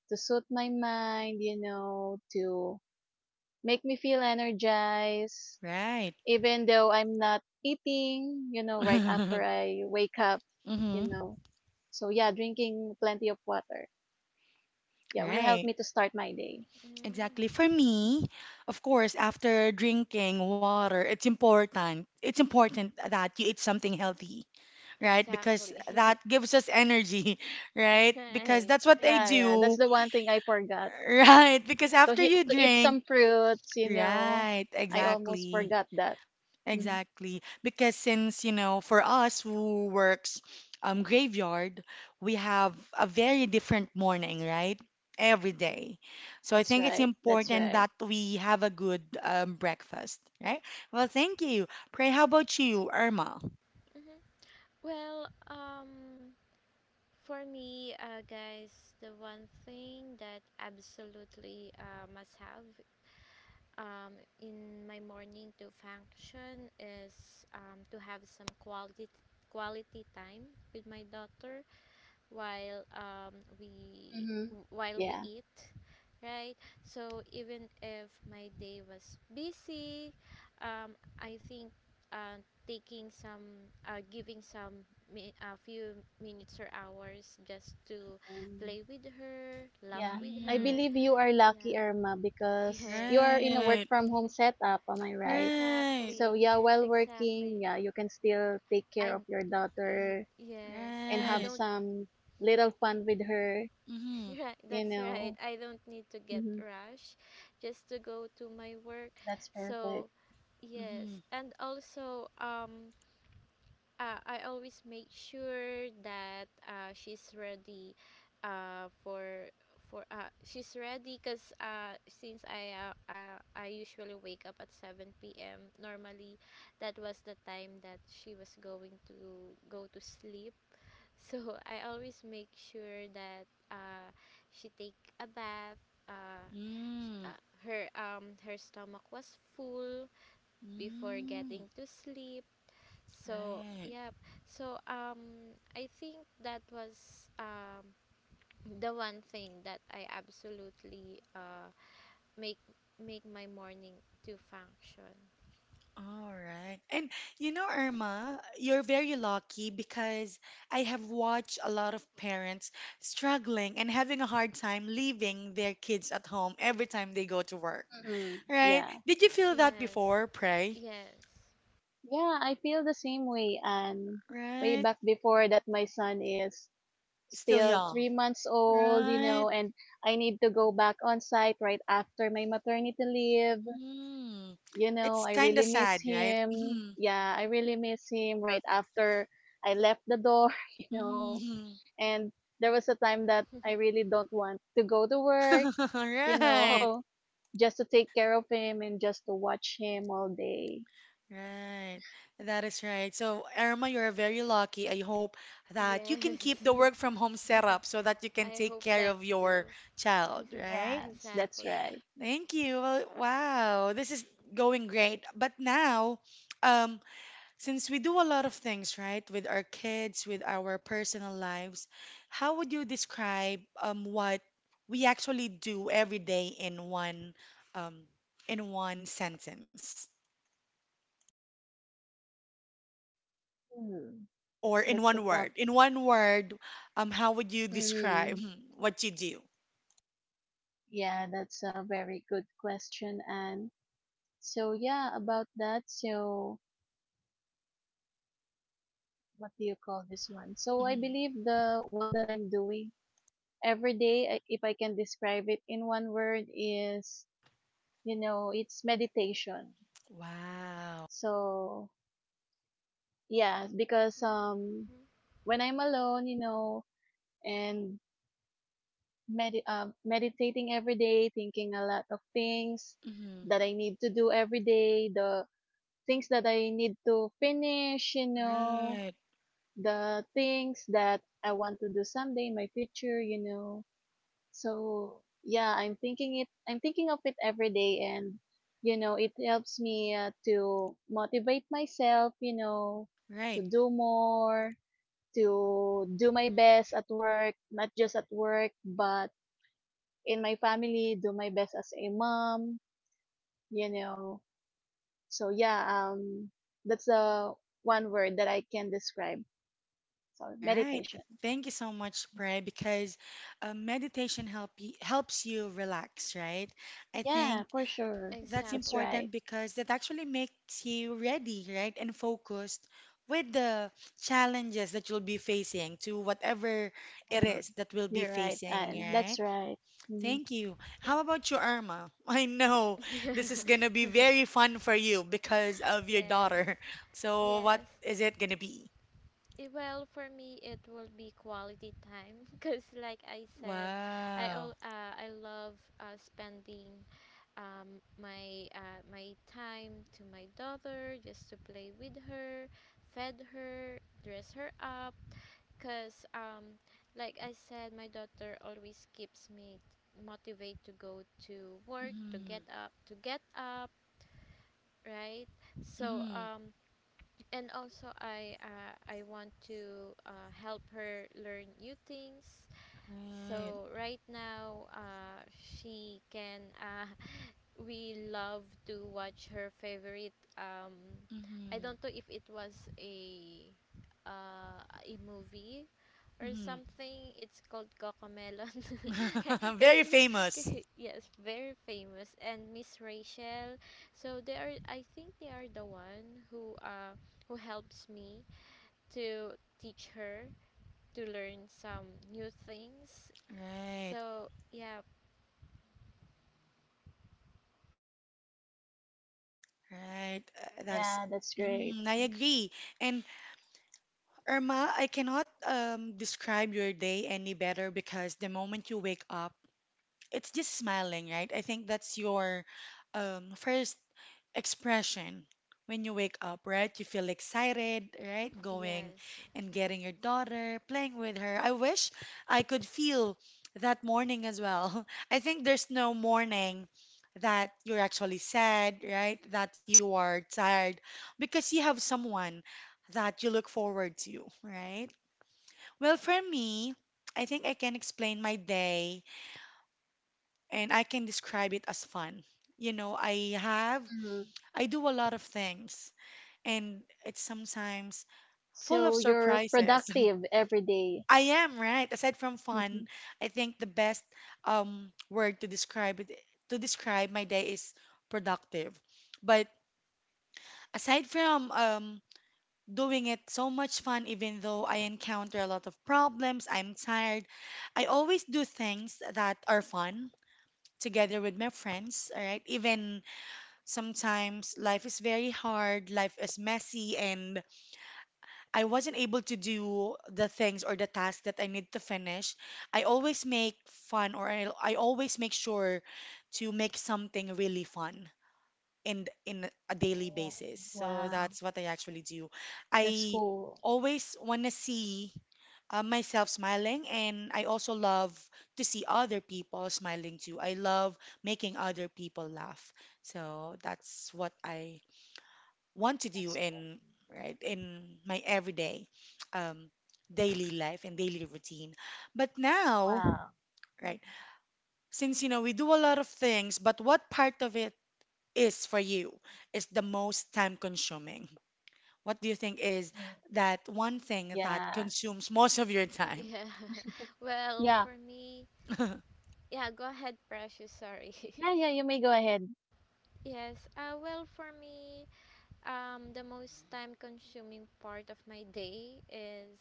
[SPEAKER 3] to soothe my mind, you know, to make me feel energized.
[SPEAKER 1] Right.
[SPEAKER 3] Even though I'm not eating, you know, right after I wake up, you
[SPEAKER 1] Mm-hmm.
[SPEAKER 3] know. So, yeah, drinking plenty of water, yeah, will help
[SPEAKER 1] Right.
[SPEAKER 3] me to start my day.
[SPEAKER 2] Mm.
[SPEAKER 1] Exactly. For me, of course, after drinking water, it's important. It's important that you eat something healthy, right? Because
[SPEAKER 2] Exactly.
[SPEAKER 1] that gives us energy, right? Because
[SPEAKER 2] Right.
[SPEAKER 1] that's what I
[SPEAKER 3] Yeah, yeah, that's
[SPEAKER 1] do,
[SPEAKER 3] the one thing I forgot.
[SPEAKER 1] right? Because after you
[SPEAKER 3] To eat
[SPEAKER 1] drink,
[SPEAKER 3] some fruits, you know,
[SPEAKER 1] right,
[SPEAKER 3] I almost
[SPEAKER 1] exactly.
[SPEAKER 3] forgot that. Mhm.
[SPEAKER 1] Exactly. Because since, for us who works graveyard, we have a very different morning, right? Every day. So I
[SPEAKER 3] That's
[SPEAKER 1] think it's
[SPEAKER 3] right.
[SPEAKER 1] important that we have a good breakfast, right? Well, thank you. Pray, how about you, Irma?
[SPEAKER 2] Hmm. Well, for me, guys, the one thing that absolutely must have um, in my morning to function is to have some quality time with my daughter while
[SPEAKER 3] Mhm.
[SPEAKER 2] while we
[SPEAKER 3] Yeah.
[SPEAKER 2] eat, right? So even if my day was busy, um, I think uh, taking some giving some a few minutes or hours just to
[SPEAKER 3] Mm.
[SPEAKER 2] play with her, laugh
[SPEAKER 3] Yeah.
[SPEAKER 2] with
[SPEAKER 3] I
[SPEAKER 1] Mm,
[SPEAKER 2] her.
[SPEAKER 3] believe you are
[SPEAKER 2] Yeah.
[SPEAKER 3] lucky, Irma, because
[SPEAKER 2] Yes.
[SPEAKER 3] you are in a work
[SPEAKER 1] right,
[SPEAKER 3] from home setup, am I right?
[SPEAKER 1] right,
[SPEAKER 3] So
[SPEAKER 2] Exactly.
[SPEAKER 3] yeah, while working,
[SPEAKER 2] Exactly.
[SPEAKER 3] yeah, you can still take
[SPEAKER 2] i
[SPEAKER 3] care of your daughter
[SPEAKER 2] yes.
[SPEAKER 3] and
[SPEAKER 2] I
[SPEAKER 3] have
[SPEAKER 1] right.
[SPEAKER 2] don't
[SPEAKER 3] some little fun with her,
[SPEAKER 1] Mm-hmm,
[SPEAKER 2] Right,
[SPEAKER 3] you
[SPEAKER 2] that's right.
[SPEAKER 3] know.
[SPEAKER 2] I don't need to get
[SPEAKER 3] hmm
[SPEAKER 2] rush just to go to my work.
[SPEAKER 3] That's perfect.
[SPEAKER 2] So, yes.
[SPEAKER 1] mm-hmm,
[SPEAKER 2] And also, I always make sure that she's ready uh, for for she's ready because I usually wake up at 7 p.m. normally. That was the time that she was going to go to sleep, so I always make sure that uh, she take a bath. Uh,
[SPEAKER 1] mm,
[SPEAKER 2] her her stomach was full before
[SPEAKER 1] mm,
[SPEAKER 2] getting to sleep. So
[SPEAKER 1] right.
[SPEAKER 2] yep. So I think that was the one thing that I absolutely make make my morning to function.
[SPEAKER 1] All right. And you know, Irma, you're very lucky because I have watched a lot of parents struggling and having a hard time leaving their kids at home every time they go to work. Right?
[SPEAKER 3] Yeah.
[SPEAKER 1] Did you feel that
[SPEAKER 2] Yes.
[SPEAKER 1] before, pray?
[SPEAKER 2] Yes.
[SPEAKER 3] Yeah, I feel the same way. And way
[SPEAKER 1] Right?
[SPEAKER 3] back before that my son is
[SPEAKER 1] Still
[SPEAKER 3] still
[SPEAKER 1] young.
[SPEAKER 3] 3 months old, you
[SPEAKER 1] Right?
[SPEAKER 3] know, and I need to go back on site right after my maternity leave.
[SPEAKER 1] Mm.
[SPEAKER 3] You know,
[SPEAKER 1] It's
[SPEAKER 3] I
[SPEAKER 1] kind
[SPEAKER 3] really
[SPEAKER 1] of
[SPEAKER 3] miss
[SPEAKER 1] sad, right?
[SPEAKER 3] him.
[SPEAKER 1] Mm-hmm.
[SPEAKER 3] Yeah, I really miss him right after I left the door, you know.
[SPEAKER 1] Mm-hmm.
[SPEAKER 3] And there was a time that I really don't want to go to work, you
[SPEAKER 1] Right.
[SPEAKER 3] know, just to take care of him and just to watch him all day.
[SPEAKER 1] Right. That is right. So, Irma, you're very lucky. I hope that you can
[SPEAKER 2] Yes.
[SPEAKER 1] keep the work from home setup so that you can
[SPEAKER 2] I
[SPEAKER 1] take
[SPEAKER 2] hope
[SPEAKER 1] care
[SPEAKER 2] that
[SPEAKER 1] of your
[SPEAKER 2] too.
[SPEAKER 1] child, right?
[SPEAKER 3] Yes, that's
[SPEAKER 2] Exactly.
[SPEAKER 3] right.
[SPEAKER 1] Thank you. Well, wow, this is going great. But now, um, since we do a lot of things, right, with our kids, with our personal lives, how would you describe what we actually do every day um, in one sentence?
[SPEAKER 3] Hmm,
[SPEAKER 1] Or
[SPEAKER 3] that's a tough.
[SPEAKER 1] in one word, how would you describe
[SPEAKER 3] hmm
[SPEAKER 1] what you do?
[SPEAKER 3] Yeah, that's a very good question, and so yeah, about that. So what do you call this one? So I
[SPEAKER 1] Mhm.
[SPEAKER 3] believe the one that I'm doing every day, if I can describe it in one word, is you know it's meditation.
[SPEAKER 1] Wow.
[SPEAKER 3] So yeah, because
[SPEAKER 2] Mm-hmm.
[SPEAKER 3] when I'm alone, you know, and meditating every day, thinking a lot of things
[SPEAKER 1] Mhm.
[SPEAKER 3] that I need to do every day, the things that I need to finish, you know,
[SPEAKER 1] Right,
[SPEAKER 3] the things that I want to do someday in my future, you know. So yeah, I'm thinking of it every day, and you know, it helps me to motivate myself, you know,
[SPEAKER 1] right,
[SPEAKER 3] to do more, to do my
[SPEAKER 2] Mm-hmm.
[SPEAKER 3] best at work, not just at work, but in my family, do my best as a mom, you know. So yeah, um, that's the one word that I can describe. So
[SPEAKER 1] right. Th-
[SPEAKER 3] meditation.
[SPEAKER 1] Thank you so much, Pray, because helps you relax, right? I
[SPEAKER 3] Yeah,
[SPEAKER 1] think
[SPEAKER 3] for sure.
[SPEAKER 1] that's
[SPEAKER 3] That's
[SPEAKER 2] Exactly.
[SPEAKER 3] right.
[SPEAKER 1] important because that actually makes you ready, right, and focused with the challenges that you'll be facing to whatever it
[SPEAKER 3] Mm-hmm.
[SPEAKER 1] is that we'll be
[SPEAKER 3] You're right,
[SPEAKER 1] facing,
[SPEAKER 3] and that's
[SPEAKER 1] right?
[SPEAKER 3] right. Mhm.
[SPEAKER 1] Thank you.
[SPEAKER 2] Yep.
[SPEAKER 1] How about you, Irma? I know
[SPEAKER 2] Yeah.
[SPEAKER 1] this is gonna be very fun for you because of your
[SPEAKER 2] Yes.
[SPEAKER 1] daughter. So, what
[SPEAKER 2] Yes.
[SPEAKER 1] is it gonna be?
[SPEAKER 2] Eh, well, for me, it will be quality time because, like I said,
[SPEAKER 1] Wow.
[SPEAKER 2] I love spending my time to my daughter just to play with her, fed her, dress her up. Cause like I said, my daughter always keeps me motivated to go to work, to
[SPEAKER 1] Mm-hmm.
[SPEAKER 2] get up, right? So
[SPEAKER 1] Mm-hmm.
[SPEAKER 2] and also I want to help her learn new things,
[SPEAKER 1] Right.
[SPEAKER 2] so right now, she can. We love to watch her favorite. I
[SPEAKER 1] Mm-hmm.
[SPEAKER 2] don't know if it was a movie or
[SPEAKER 1] Mm-hmm.
[SPEAKER 2] something. It's called Cocomelon. Because
[SPEAKER 1] Very famous.
[SPEAKER 2] yes, very famous. And Miss Rachel. So they are. I think they are the one who helps me to teach her to learn some new things,
[SPEAKER 1] Right.
[SPEAKER 2] so, yeah,
[SPEAKER 1] Right. That's.
[SPEAKER 3] Yeah, that's great.
[SPEAKER 1] Mm, I agree. And Irma, I cannot describe your day any better because the moment you wake up, it's just smiling, right? I think that's your first expression when you wake up, right? You feel excited, right? Going
[SPEAKER 2] yes.
[SPEAKER 1] and getting your daughter, playing with her. I wish I could feel that morning as well. I think there's no morning that you're actually sad, right? That you are tired because you have someone that you look forward to, right? Well, for me, I think I can explain my day and I can describe it as fun. You know, I have,
[SPEAKER 3] Mm-hmm.
[SPEAKER 1] I do a lot of things and it's sometimes full of
[SPEAKER 3] So you're
[SPEAKER 1] surprises.
[SPEAKER 3] productive every day.
[SPEAKER 1] I am, right? Aside from fun,
[SPEAKER 3] Mhm.
[SPEAKER 1] I think the best word to describe it, to describe my day is productive. But aside from doing it so much fun, even though I encounter a lot of problems, I'm tired, I always do things that are fun together with my friends, all right? Even sometimes life is very hard, life is messy, and I wasn't able to do the things or the tasks that I need to finish, I always make fun or I always make sure to make something really fun in a daily
[SPEAKER 3] Oh,
[SPEAKER 1] basis. So
[SPEAKER 3] wow,
[SPEAKER 1] that's what I actually do.
[SPEAKER 3] that's
[SPEAKER 1] I
[SPEAKER 3] cool.
[SPEAKER 1] always want to see myself smiling and I also love to see other people smiling too. I love making other people laugh. So that's what I want to do
[SPEAKER 3] That's cool.
[SPEAKER 1] in right in my everyday um, daily life and daily routine. But now,
[SPEAKER 3] Wow.
[SPEAKER 1] right, since you know we do a lot of things, but what part of it is for you is the most time consuming? What do you think is
[SPEAKER 3] Mm.
[SPEAKER 1] that one thing that
[SPEAKER 3] Yeah.
[SPEAKER 1] consumes most of your time?
[SPEAKER 2] Yeah. Well,
[SPEAKER 3] Yeah.
[SPEAKER 2] for me, yeah, go ahead, Precious. Sorry.
[SPEAKER 3] Yeah, yeah, you may go ahead.
[SPEAKER 2] Yes. Well, for me, the most time consuming part of my day is,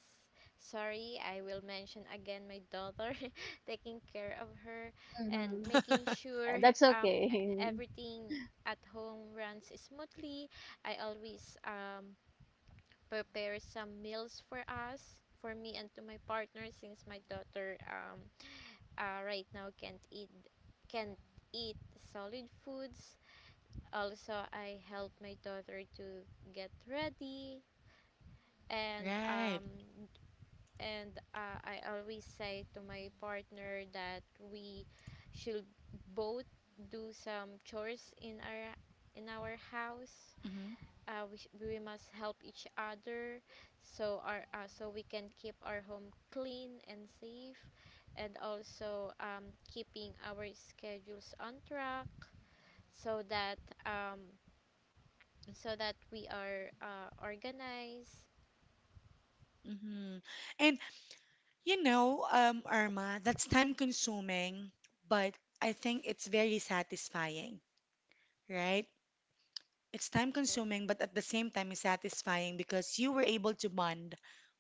[SPEAKER 2] sorry, I will mention again my daughter, taking care of her
[SPEAKER 3] Mm-hmm.
[SPEAKER 2] and making sure
[SPEAKER 3] That's okay.
[SPEAKER 2] everything at home runs smoothly. I always prepare some meals for us, for me and to my partner, since my daughter right now can't eat solid foods. Also, I help my daughter to get ready and
[SPEAKER 1] Right.
[SPEAKER 2] I always say to my partner that we should both do some chores in our house.
[SPEAKER 1] Hmm.
[SPEAKER 2] We must help each other, so our so we can keep our home clean and safe, and also keeping our schedules on track so that um, so that we are organized.
[SPEAKER 1] Hmm. And you know, Irma, that's time consuming, but I think it's very satisfying, right?
[SPEAKER 2] Yes,
[SPEAKER 1] It's
[SPEAKER 2] that's
[SPEAKER 1] time
[SPEAKER 2] right.
[SPEAKER 1] consuming, but at the same time, it's satisfying because you were able to bond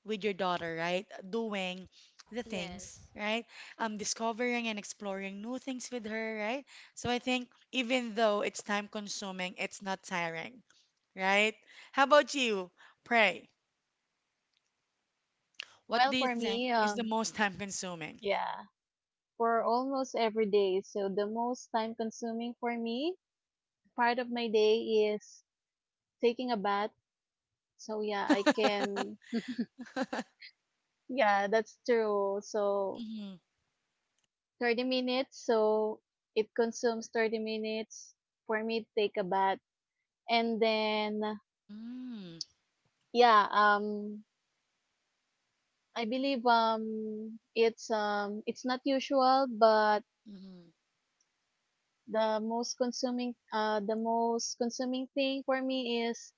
[SPEAKER 1] with your daughter, right? Doing the things,
[SPEAKER 2] Yes,
[SPEAKER 1] right? Discovering and exploring new things with her, right? So I think even though it's time consuming, it's not tiring, right? How about you? Pray. What
[SPEAKER 3] Well,
[SPEAKER 1] do you
[SPEAKER 3] for
[SPEAKER 1] think
[SPEAKER 3] me,
[SPEAKER 1] is the
[SPEAKER 3] um,
[SPEAKER 1] most time consuming?
[SPEAKER 3] yeah, for almost every day. So the most time consuming for me, part of my day is taking a bath. So yeah, I can. Yeah, that's true. So
[SPEAKER 1] Hmm.
[SPEAKER 3] 30 minutes. So it consumes 30 minutes for me to take a bath. And then yeah, I believe it's not usual, but
[SPEAKER 1] Mm-hmm.
[SPEAKER 3] the most consuming thing for me is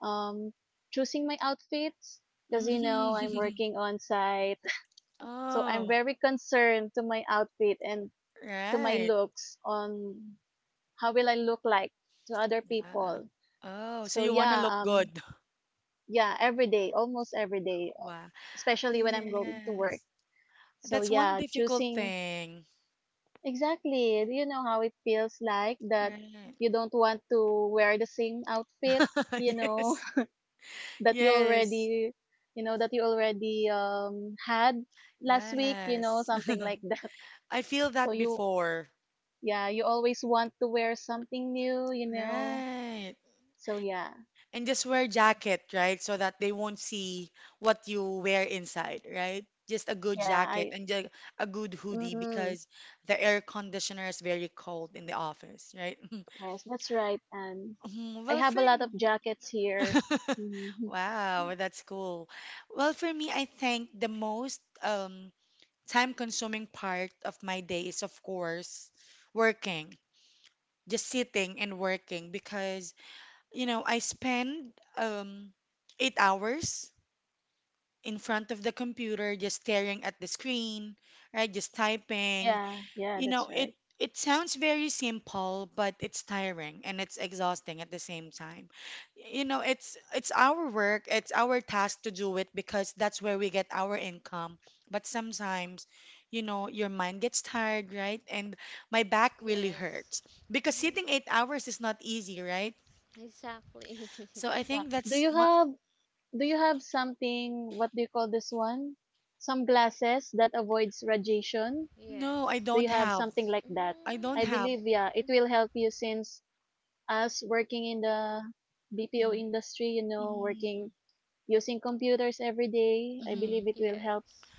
[SPEAKER 3] um choosing my outfits because you know I'm
[SPEAKER 1] Hmm.
[SPEAKER 3] working on site. So I'm
[SPEAKER 1] Oh,
[SPEAKER 3] very concerned to my outfit and to my
[SPEAKER 1] right.
[SPEAKER 3] looks on how will I look like to other
[SPEAKER 1] Yeah.
[SPEAKER 3] people.
[SPEAKER 1] Oh, so
[SPEAKER 3] So
[SPEAKER 1] you want to
[SPEAKER 3] yeah,
[SPEAKER 1] look good.
[SPEAKER 3] yeah, every day, almost every day,
[SPEAKER 1] Wow.
[SPEAKER 3] especially when I'm going to
[SPEAKER 1] Yes.
[SPEAKER 3] work. So
[SPEAKER 1] That's one
[SPEAKER 3] yeah,
[SPEAKER 1] difficult
[SPEAKER 3] choosing
[SPEAKER 1] thing.
[SPEAKER 3] exactly, you know how it feels like that
[SPEAKER 1] Right.
[SPEAKER 3] you don't want to wear the same outfit, you know,
[SPEAKER 1] Yes.
[SPEAKER 3] that you
[SPEAKER 1] Yes.
[SPEAKER 3] already you know that you already had last week, you know,
[SPEAKER 1] Yes.
[SPEAKER 3] something like that.
[SPEAKER 1] I feel
[SPEAKER 3] So
[SPEAKER 1] that
[SPEAKER 3] you
[SPEAKER 1] before.
[SPEAKER 3] yeah, you always want to wear something new, you know.
[SPEAKER 1] Right.
[SPEAKER 3] So yeah.
[SPEAKER 1] And just wear jacket, right? So that they won't see what you wear inside, right? Just a good
[SPEAKER 3] Yeah,
[SPEAKER 1] jacket
[SPEAKER 3] I
[SPEAKER 1] and ju- a good hoodie
[SPEAKER 3] mhm.
[SPEAKER 1] because the air conditioner is very cold in the office, right?
[SPEAKER 3] Yes, that's right. And
[SPEAKER 1] Mm,
[SPEAKER 3] I
[SPEAKER 1] well,
[SPEAKER 3] have a
[SPEAKER 1] Frank.
[SPEAKER 3] lot of jackets here. Mhm.
[SPEAKER 1] Wow, that's cool. Well, for me, I think the most time-consuming part of my day is, of course, working, just sitting and working because, you know, I spend 8 hours in front of the computer just staring at the screen, right? Just typing,
[SPEAKER 3] Yeah, yeah,
[SPEAKER 1] you
[SPEAKER 3] that's
[SPEAKER 1] know, it
[SPEAKER 3] right.
[SPEAKER 1] it sounds very simple, but it's tiring and it's exhausting at the same time. You know, it's our work, it's our task to do it because that's where we get our income. But sometimes, you know, your mind gets tired, right? And my back really
[SPEAKER 2] yes,
[SPEAKER 1] hurts because
[SPEAKER 2] mm-hmm.
[SPEAKER 1] sitting 8 hours is not easy, right?
[SPEAKER 2] Exactly.
[SPEAKER 1] So I
[SPEAKER 3] Yeah.
[SPEAKER 1] think that's one.
[SPEAKER 3] Do you have something what do you call this one? Some glasses that avoids radiation?
[SPEAKER 1] No, I
[SPEAKER 2] Yes.
[SPEAKER 3] Do
[SPEAKER 1] don't
[SPEAKER 3] you have
[SPEAKER 1] have.
[SPEAKER 3] something like that?
[SPEAKER 1] I don't
[SPEAKER 3] I
[SPEAKER 1] have.
[SPEAKER 3] believe
[SPEAKER 2] Mm-hmm.
[SPEAKER 3] yeah, it will
[SPEAKER 2] Hmm.
[SPEAKER 3] help you since us working in the BPO
[SPEAKER 1] Mm-hmm.
[SPEAKER 3] industry, you know,
[SPEAKER 1] Mm-hmm.
[SPEAKER 3] working using computers every day, I
[SPEAKER 1] Mm-hmm.
[SPEAKER 3] believe it will help.
[SPEAKER 2] Yes.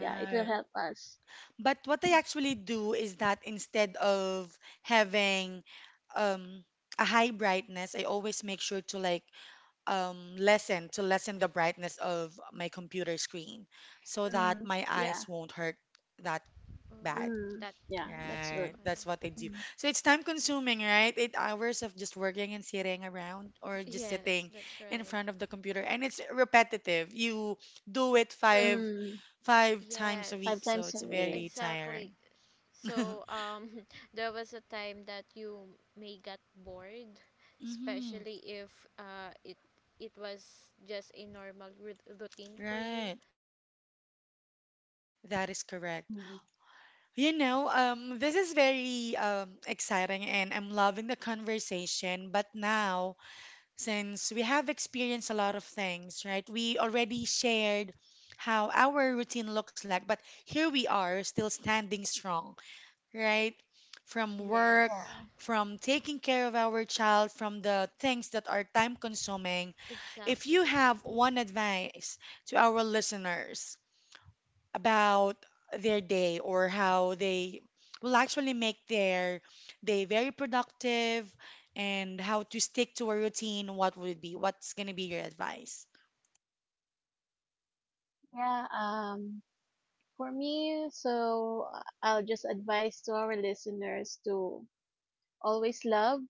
[SPEAKER 3] Yeah, it will help us.
[SPEAKER 1] But what I actually do is that instead of having um, a high brightness, I always make sure to like lessen the brightness of my computer screen so that
[SPEAKER 3] Mhm.
[SPEAKER 1] my
[SPEAKER 3] Yeah.
[SPEAKER 1] eyes won't hurt that bad.
[SPEAKER 2] Oh,
[SPEAKER 3] Mm.
[SPEAKER 2] that
[SPEAKER 3] Yeah,
[SPEAKER 2] batch,
[SPEAKER 3] that's
[SPEAKER 1] Right,
[SPEAKER 3] good.
[SPEAKER 1] that's
[SPEAKER 2] okay.
[SPEAKER 1] what I do.
[SPEAKER 3] Mm.
[SPEAKER 1] So it's time consuming, right? 8 hours of just working and sitting around or just
[SPEAKER 2] Yes,
[SPEAKER 1] sitting
[SPEAKER 2] that's
[SPEAKER 1] in
[SPEAKER 2] right.
[SPEAKER 1] front of the computer, and it's repetitive. You do it
[SPEAKER 3] Mm.
[SPEAKER 1] 5 times a week,
[SPEAKER 3] Five
[SPEAKER 2] Yes,
[SPEAKER 1] so
[SPEAKER 3] times a
[SPEAKER 1] it's
[SPEAKER 3] week.
[SPEAKER 1] very tiring.
[SPEAKER 2] exactly. So, there was a time that you may get bored,
[SPEAKER 1] Mm-hmm.
[SPEAKER 2] especially if it was just a normal routine for you.
[SPEAKER 1] Right. That is correct.
[SPEAKER 3] Mm.
[SPEAKER 1] You know, this is very exciting and I'm loving the conversation. But now, since we have experienced a lot of things, right, we already shared how our routine looks like, but here we are still standing strong, right? From work,
[SPEAKER 2] Yes,
[SPEAKER 3] Yeah.
[SPEAKER 1] from taking care of our child, from the things that are time consuming. If you
[SPEAKER 2] exactly.
[SPEAKER 1] have
[SPEAKER 2] Mm-hmm.
[SPEAKER 1] one advice to our listeners, about their day or how they will actually make their day very productive and how to stick to a routine, what would it be? What's going to be your advice?
[SPEAKER 3] Yeah. Um. For me, I'll just advise to our listeners to always love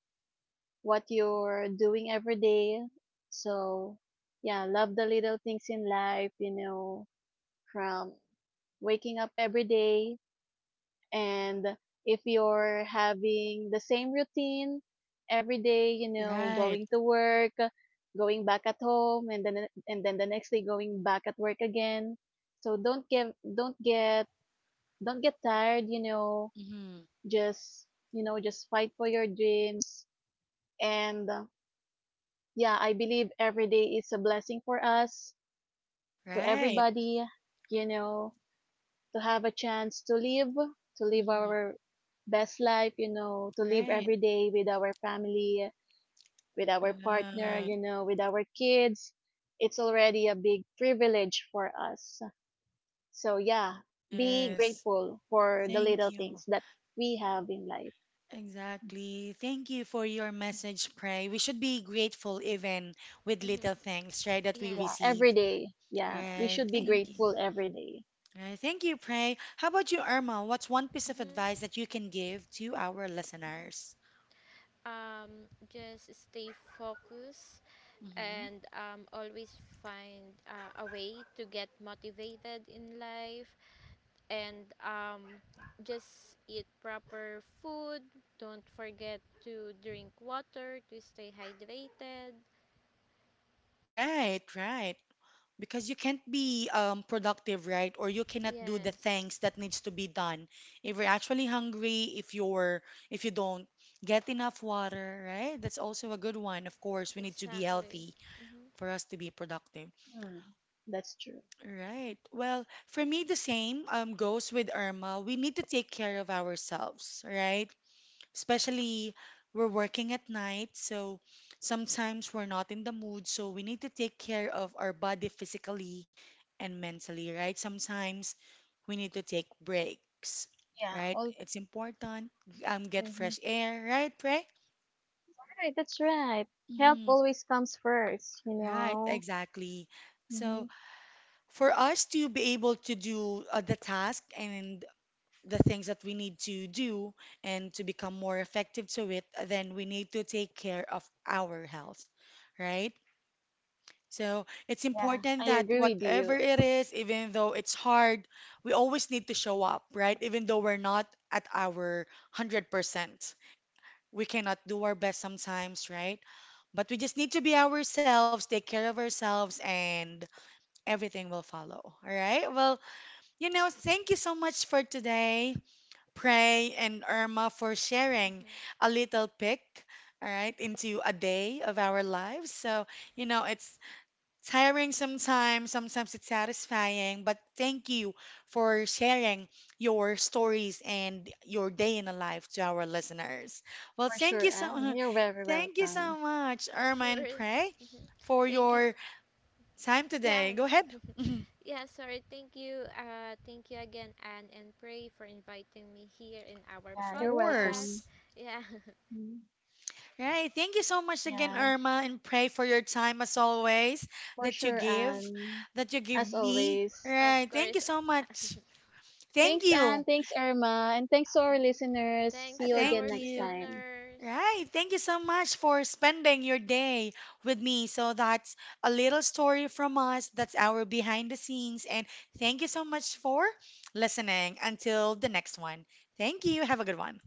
[SPEAKER 3] what you're doing every day. So, yeah, love the little things in life, you know, from waking up every day. And if you're having the same routine every day, you know,
[SPEAKER 1] Right.
[SPEAKER 3] going to work, going back at home, and then the next day going back at work again. So don't get tired,
[SPEAKER 1] Mm-hmm.
[SPEAKER 3] just you know, just fight for your dreams and yeah, I believe every day is a blessing for us, to
[SPEAKER 1] Right.
[SPEAKER 3] everybody, you know, to have a chance to live
[SPEAKER 1] Mm-hmm.
[SPEAKER 3] our best life, you know, to live
[SPEAKER 1] Right.
[SPEAKER 3] every day with our family, with our partner,
[SPEAKER 1] Right.
[SPEAKER 3] you know, with our kids. It's already a big privilege for us. So, yeah, be
[SPEAKER 1] Yes.
[SPEAKER 3] grateful for the
[SPEAKER 1] Thank
[SPEAKER 3] little
[SPEAKER 1] you.
[SPEAKER 3] things that we have in life.
[SPEAKER 1] Exactly. Thank you for your message, Pray. We should be grateful even with
[SPEAKER 2] Mm-hmm.
[SPEAKER 1] little things, right, that we
[SPEAKER 3] Yeah,
[SPEAKER 2] Yes,
[SPEAKER 1] receive.
[SPEAKER 3] every day. Yeah, we
[SPEAKER 1] Right.
[SPEAKER 3] should be
[SPEAKER 1] Thank you.
[SPEAKER 3] grateful
[SPEAKER 2] yes.
[SPEAKER 3] every day.
[SPEAKER 1] Right, thank you, Pray. How about you, Irma? What's one piece of
[SPEAKER 2] Mm-hmm.
[SPEAKER 1] advice that you can give to our listeners?
[SPEAKER 2] Um, just stay focused
[SPEAKER 1] Hmm.
[SPEAKER 2] and always find a way to get motivated in life, and just eat proper food. Don't forget to drink water to stay hydrated.
[SPEAKER 1] Right, right. Because you can't be productive, right? Or you cannot do the
[SPEAKER 2] Yes,
[SPEAKER 1] things that needs to be done. If you're actually hungry, if you don't get enough water, right? That's also a good one. Of course, we need to be
[SPEAKER 2] exactly.
[SPEAKER 1] healthy
[SPEAKER 2] Hmm.
[SPEAKER 1] for us to be productive.
[SPEAKER 3] Hmm. That's true.
[SPEAKER 1] Right. Well, for me, the same goes with Irma. We need to take care of ourselves, right? Especially we're working at night, so sometimes we're not in the mood, so we need to take care of our body physically and mentally, right? Sometimes we need to take breaks,
[SPEAKER 3] Yeah,
[SPEAKER 1] right?
[SPEAKER 3] all.
[SPEAKER 1] It's important. Get fresh
[SPEAKER 3] Mhm.
[SPEAKER 1] air, right, Pray?
[SPEAKER 3] Right, that's right. Help
[SPEAKER 1] Hmm.
[SPEAKER 3] always comes first, you
[SPEAKER 1] Right,
[SPEAKER 3] know.
[SPEAKER 1] exactly.
[SPEAKER 3] hmm
[SPEAKER 1] So for us to be able to do the task and the things that we need to do and to become more effective to it, then we need to take care of our health, right? So it's
[SPEAKER 3] Yeah,
[SPEAKER 1] important
[SPEAKER 3] I
[SPEAKER 1] that
[SPEAKER 3] agree with you
[SPEAKER 1] whatever it is, even though it's hard, we always need to show up, right? Even though we're not at our 100%. We cannot do our best sometimes, right? But we just need to be ourselves, take care of ourselves, and everything will follow. All right? Well, you know, thank you so much for today. Pray and Irma for sharing a little pick, all right, into a day of our lives. So, you know, it's tiring sometimes, sometimes it's satisfying, but thank you for sharing your stories and your day in a life to our listeners. Well,
[SPEAKER 3] for
[SPEAKER 1] thank
[SPEAKER 3] sure.
[SPEAKER 1] you
[SPEAKER 3] And
[SPEAKER 1] so
[SPEAKER 3] you're very
[SPEAKER 1] thank you so
[SPEAKER 3] welcome.
[SPEAKER 1] much, Irma
[SPEAKER 2] Sure.
[SPEAKER 1] and Pray,
[SPEAKER 2] Hmm.
[SPEAKER 1] for
[SPEAKER 2] Thank you. S,
[SPEAKER 1] your time
[SPEAKER 2] yeah,
[SPEAKER 1] today. Go ahead.
[SPEAKER 2] yeah. Sorry. Thank you. Thank you again, Anne and Pray, for inviting me here in our
[SPEAKER 1] Of
[SPEAKER 3] Yeah, you're
[SPEAKER 2] podcast.
[SPEAKER 3] welcome.
[SPEAKER 1] course.
[SPEAKER 2] Yeah,
[SPEAKER 3] Mhm.
[SPEAKER 1] Right. Thank you so much again,
[SPEAKER 3] Yeah,
[SPEAKER 1] Irma, and pray for your time as always
[SPEAKER 3] for
[SPEAKER 1] that you
[SPEAKER 3] sure.
[SPEAKER 1] give,
[SPEAKER 3] And
[SPEAKER 1] that you give
[SPEAKER 3] as
[SPEAKER 1] me.
[SPEAKER 3] always,
[SPEAKER 2] of
[SPEAKER 1] Right. Thank you
[SPEAKER 2] course.
[SPEAKER 1] so much. Thank
[SPEAKER 3] thanks,
[SPEAKER 1] you.
[SPEAKER 3] Anne. Thanks, Irma. And thanks to our listeners. See
[SPEAKER 2] Thanks
[SPEAKER 3] you
[SPEAKER 2] to
[SPEAKER 3] again
[SPEAKER 2] our
[SPEAKER 1] Thank
[SPEAKER 3] next
[SPEAKER 1] you.
[SPEAKER 3] time.
[SPEAKER 2] listeners.
[SPEAKER 1] Right. Thank you so much for spending your day with me. So that's a little story from us. That's our behind the scenes. And thank you so much for listening. Until the next one. Thank you. Have a good one.